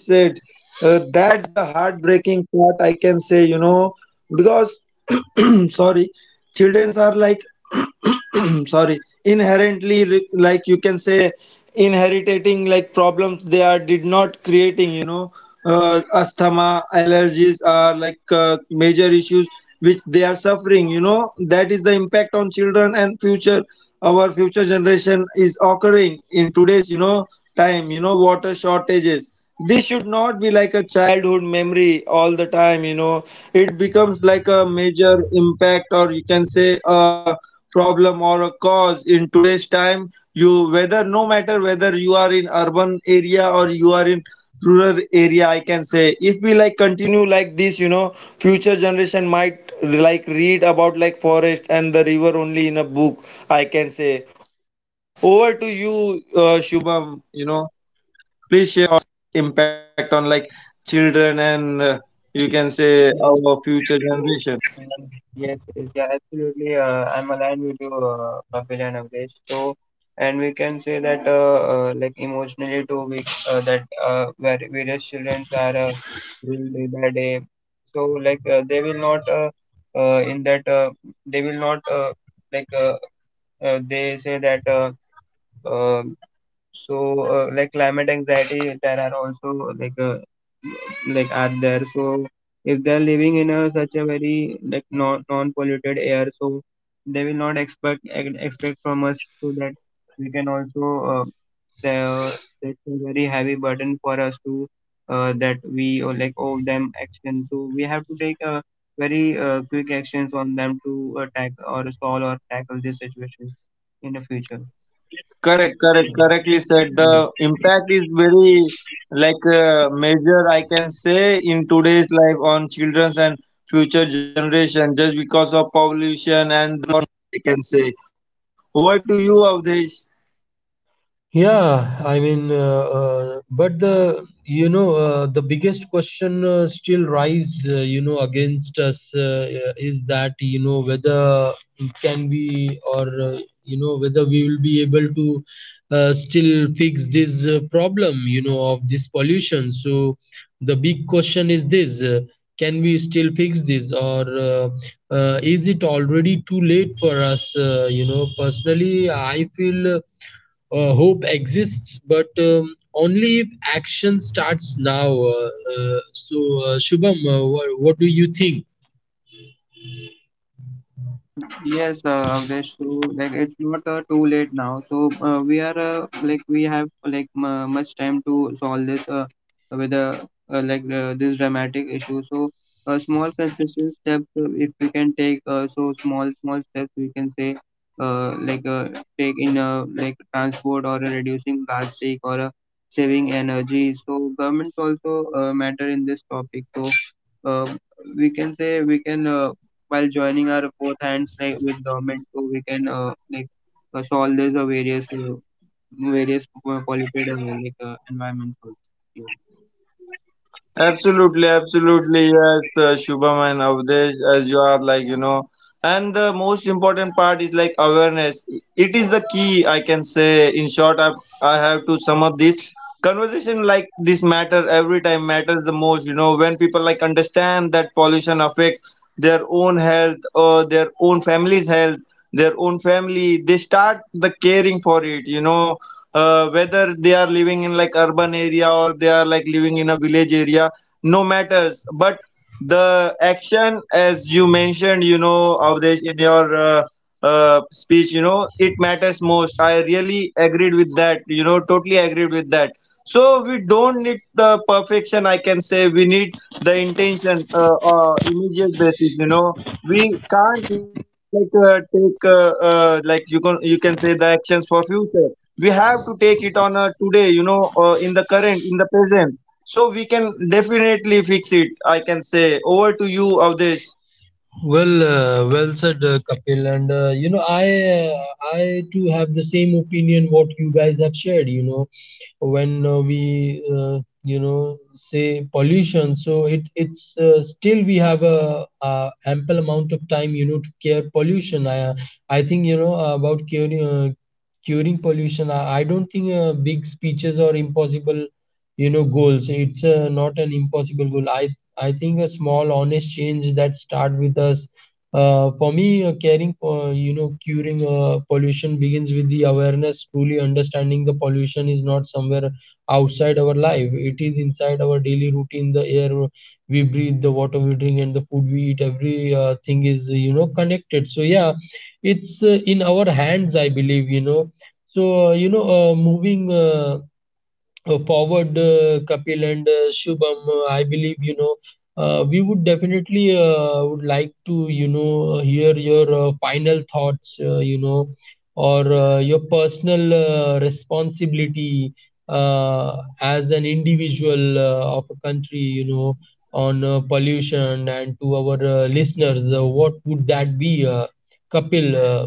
S2: That's the heartbreaking part, I can say, you know, because, sorry, children are like, sorry, inherently, like you can say, inheriting like problems they are did not creating, you know. Asthma, allergies are like major issues which they are suffering, you know. That is the impact on children and future, our future generation is occurring in today's, you know, time, you know, water shortages, this should not be like a childhood memory all the time, you know. It becomes like a major impact, or you can say a problem or a cause in today's time. You whether, no matter whether you are in urban area or you are in rural area, I can say if we like continue like this, you know, future generation might like read about like forest and the river only in a book, I can say. Over to you, Shubham, you know, please share your impact on like children and, you can say, our future generation.
S3: Yes, yes, yeah, absolutely. I'm aligned with you, Kapil and Avdesh. So, and we can say that, like emotionally too, we various children are doing day by day. So, like they will not in that they will not like they say that uh, so, like climate anxiety, there are also like are there. So, if they are living in a such a very like non polluted air, so they will not expect from us, so that we can also uh, the, that's a very heavy burden for us to that we like owe them action. So we have to take a very quick actions on them to attack or solve or tackle these situations in the future.
S2: Correct, correct, correctly said.
S3: Yes.
S2: The impact is very like major, I can say, in today's life on children's and future generation, just because of pollution and the environment, I can say. Over to you, Avdesh.
S1: Yeah, I mean, but the you know the biggest question still rise against us, is that whether can we, or whether we will be able to still fix this problem of this pollution. So the big question is this: can we still fix this, or is it already too late for us? Personally, I feel. Hope exists, but only if action starts now. Shubham, what do you think?
S3: Uh, yes, Avdesh, so like it's not too late now. So we are like we have like much time to solve this with like this dramatic issue. So small consistent steps, if we can take, so small small steps we can say, uh, like uh, take in like transport or reducing plastic or saving energy. So governments also matter in this topic. So uh, we can say we can while joining our both hands like with government, so we can solve these various polluted environments also.
S2: Absolutely, absolutely, yes, Shubham and Avdesh, as you are like, you know, and the most important part is like awareness. It is the key, I can say. In short, I have to sum up this conversation like this matter every time matters the most. You know, when people like understand that pollution affects their own health or their own family's health, their own family, they start the caring for it. You know, whether they are living in like urban area or they are like living in a village area, no matters, but the action, as you mentioned, you know, Avdesh, in your speech, you know, it matters most. I really agreed with that, you know, totally agreed with that. So we don't need the perfection, I can say. We need the intention, immediate basis, you know, we can't like take like you can, you can say, the actions for future. We have to take it on a today, you know, in the current, in the present, so we can definitely fix it, I can say. Over to you of.
S1: Well, well said, Kapil. And I too have the same opinion what you guys have shared. When we, say pollution, so it it's still we have a ample amount of time. To care pollution. I think about curing pollution. I don't think big speeches are impossible. Goals. It's not an impossible goal. I think a small honest change that start with us. For me, caring for curing pollution begins with the awareness. Truly understanding the pollution is not somewhere outside our life; it is inside our daily routine. The air we breathe, the water we drink, and the food we eat. Every thing is, connected. So yeah, it's in our hands, I believe. Moving. Forward, Kapil and Shubham, I believe, we would definitely would like to hear your final thoughts, or your personal responsibility as an individual of a country, on pollution, and to our listeners, what would that be, Kapil?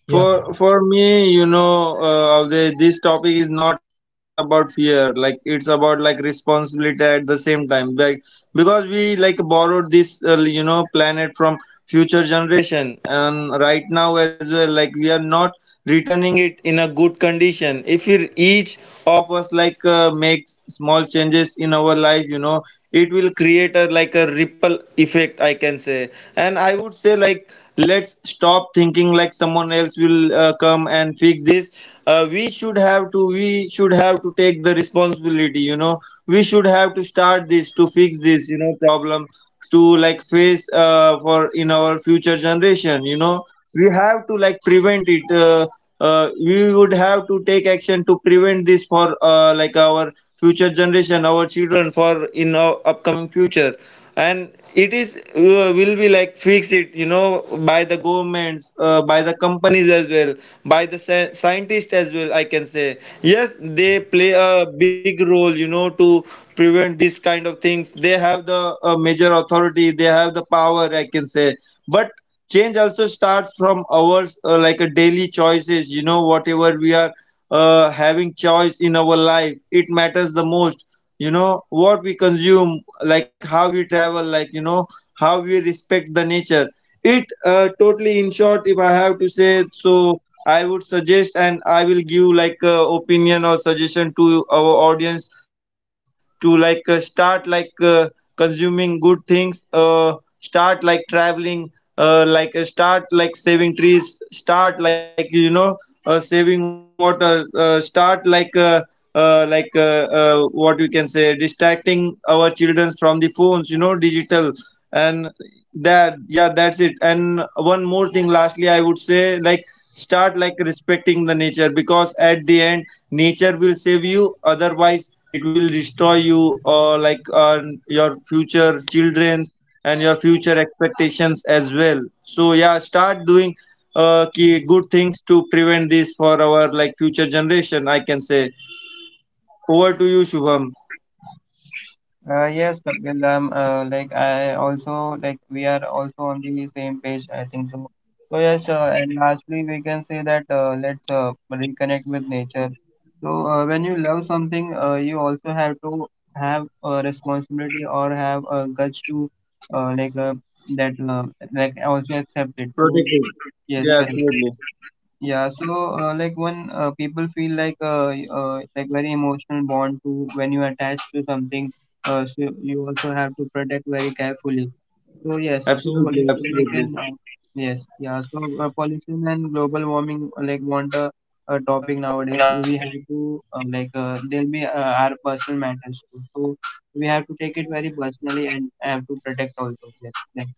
S1: Yeah.
S2: For me, you know, Avdej, this topic is not about fear, like it's about like responsibility at the same time, like because we like borrowed this, you know, planet from future generation, and right now as well like we are not returning it in a good condition. If we each of us like makes small changes in our life, you know, it will create a like a ripple effect, I can say. And I would say like, let's stop thinking like someone else will come and fix this. We should have to take the responsibility. You know, we should have to start this to fix this, you know, problem to like face, for in our future generation. You know, we have to like prevent it, we would have to take action to prevent this for, like our future generation, our children, for in our upcoming future. And it is, will be like fix it, you know, by the governments, by the companies as well, by the scientists as well, I can say. Yes, they play a big role, you know, to prevent this kind of things, they have the, major authority, they have the power, I can say. But change also starts from ours, like a daily choices, you know, whatever we are having choice in our life, it matters the most. You know, what we consume, like how we travel, like, you know, how we respect the nature, it totally, in short, if I have to say so, I would suggest, and I will give like opinion or suggestion to our audience, to like start like consuming good things, start like traveling, like start like saving trees, start like, you know, saving water, start like, like what we can say, distracting our children from the phones, you know, digital. And that, yeah, that's it. And one more thing lastly I would say like, start like respecting the nature, because at the end nature will save you, otherwise it will destroy you or like, your future children and your future expectations as well. So yeah, start doing key good things to prevent this for our like future generation, I can say. Over to you, Shubham.
S3: Yes, Kapil, like I also like we are also on the same page, I think so. So yes, and lastly we can say that let's reconnect with nature. So when you love something, you also have to have a responsibility or have a guts to uh, like uh, that also accept it. So
S2: Protecting,
S3: yes, correct.
S2: yeah, absolutely,
S3: Yeah, so like when people feel like like very emotional bond to when you attach to something, so you also have to protect very carefully. So yes, so like we can
S2: absolutely,
S3: yes, yeah.
S2: absolutely.
S3: So pollution and global warming like want a topic nowadays. We have to there'll be our personal matters too. So we have to take it very personally and have to protect also. Yes, like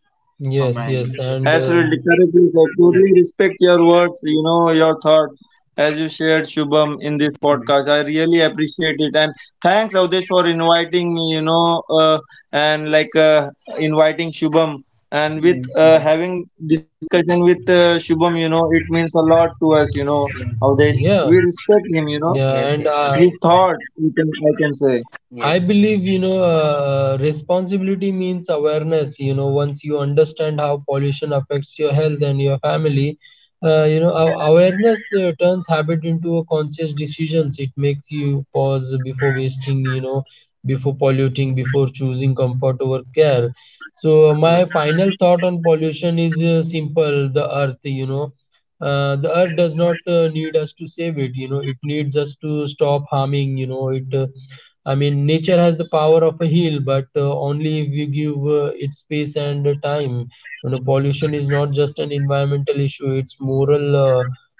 S3: from
S1: Yes,
S3: my end.
S1: yes, and
S2: Absolutely, correct, please. I totally respect your words, you know, your thoughts, as you shared, Shubham, in this
S3: Yes, yes,
S2: podcast. I really appreciate it. And thanks, Avdesh, for inviting me, you know, and like inviting Shubham. And
S3: yes,
S2: with
S3: yes,
S2: having discussion with Shubham, you know, it means a lot to us, you know,
S3: yes,
S2: Avdesh.
S1: yeah,
S2: We respect him, you know,
S1: yeah,
S3: yes,
S1: and
S3: yes. Yes.
S2: his thought, we can, I can say.
S3: Yes,
S1: I believe, responsibility means awareness. Once you understand how pollution affects your health and your family, awareness turns habit into a conscious decisions. It makes you pause before wasting, before polluting, before choosing comfort over care. So my
S3: yes,
S1: final thought on pollution is simple: the earth. The earth does not need us to save it. It needs us to stop harming. It. I mean, nature has the power of a heal, but only if we give it space and time. Pollution is not just an environmental issue; it's moral, uh,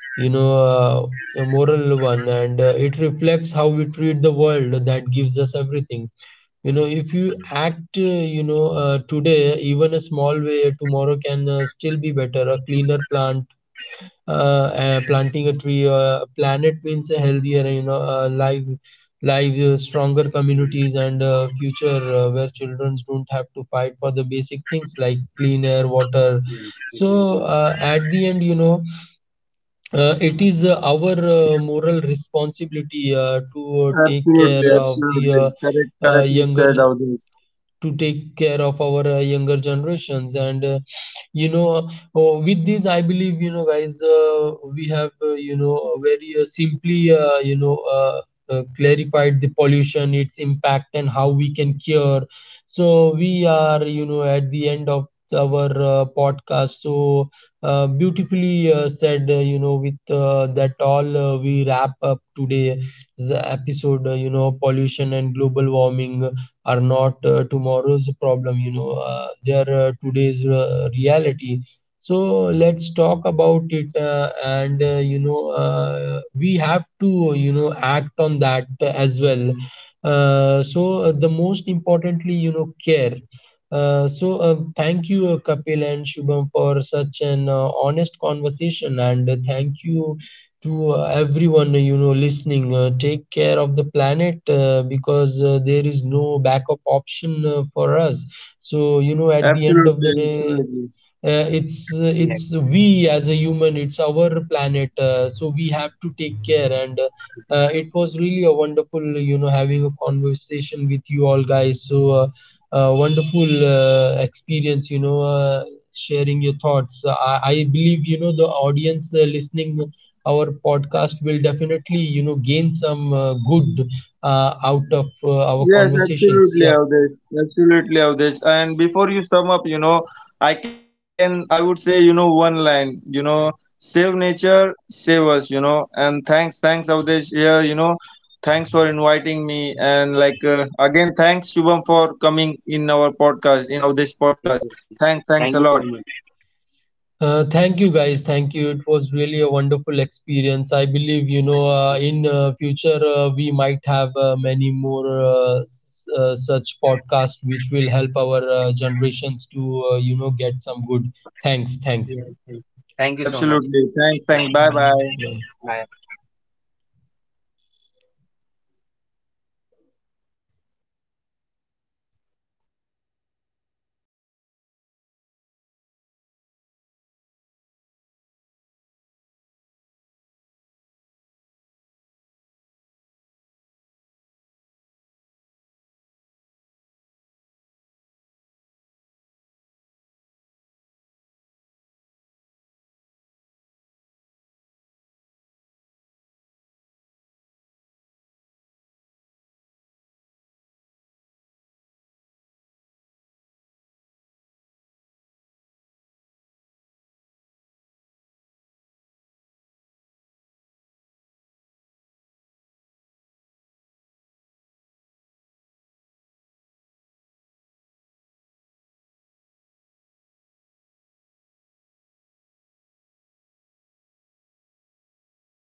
S1: you know, uh, a moral one, and it reflects how we treat the world. That gives us everything. If you act, today, even a small way, tomorrow can still be better. A cleaner planting a tree. Planet means a healthier, live, stronger communities
S3: yes,
S1: and future where children don't have to fight for the basic things like clean air, water.
S3: yes,
S1: So
S3: exactly.
S1: at the end, it is our moral responsibility to take care
S2: Absolutely,
S1: of the
S2: absolutely. Correct, correctly
S1: younger
S2: said, Avdesh.
S1: to take care of our younger generations, and you know oh, with this, I believe, guys, we have very simply clarified the pollution, its impact, and how we can cure. So we are at the end of our podcast, so beautifully said. With that all, we wrap up today's episode. Pollution and global warming are not tomorrow's problem. They are today's reality. So let's talk about it, and we have to act on that as well. uh, so the most importantly, care. Thank you, Kapil and Shubham, for such an honest conversation, and thank you to everyone listening take care of the planet, because there is no backup option for us. So, at the
S2: Absolutely,
S1: end of the
S2: absolutely.
S1: day, uh, it's uh,
S3: Yes,
S1: it's
S3: yes,
S1: we as a human, it's our planet, so we have to take care, and it was really a wonderful having a conversation with you all guys. So wonderful experience, sharing your thoughts. I believe, the audience listening our podcast will definitely gain some good out of our
S2: Yes,
S1: conversations, yeah.
S2: absolutely, Avdesh. Absolutely, Avdesh. And before you sum up, you know, I can, I would say, you know, one line, you know, save nature, save us, you know. And thanks, thanks, Avdesh. Yeah, you know, thanks for inviting me. And like, again, thanks, Shubham, for coming in our podcast, in Avdesh
S3: yes, yes.
S2: podcast. Thanks,
S3: Thank
S2: thanks
S3: you
S2: a
S3: so
S2: lot.
S3: much.
S1: Thank you, guys. Thank you. It was really a wonderful experience. I believe, in future we might have many more such podcasts which will help our generations to, get some good. Thanks. Thanks.
S3: Yes, yes. Thank you so much.
S2: Absolutely. Thanks,
S3: Yes,
S2: thanks. Bye
S3: bye.
S1: Mm,
S2: bye.
S1: bye.
S3: Bye.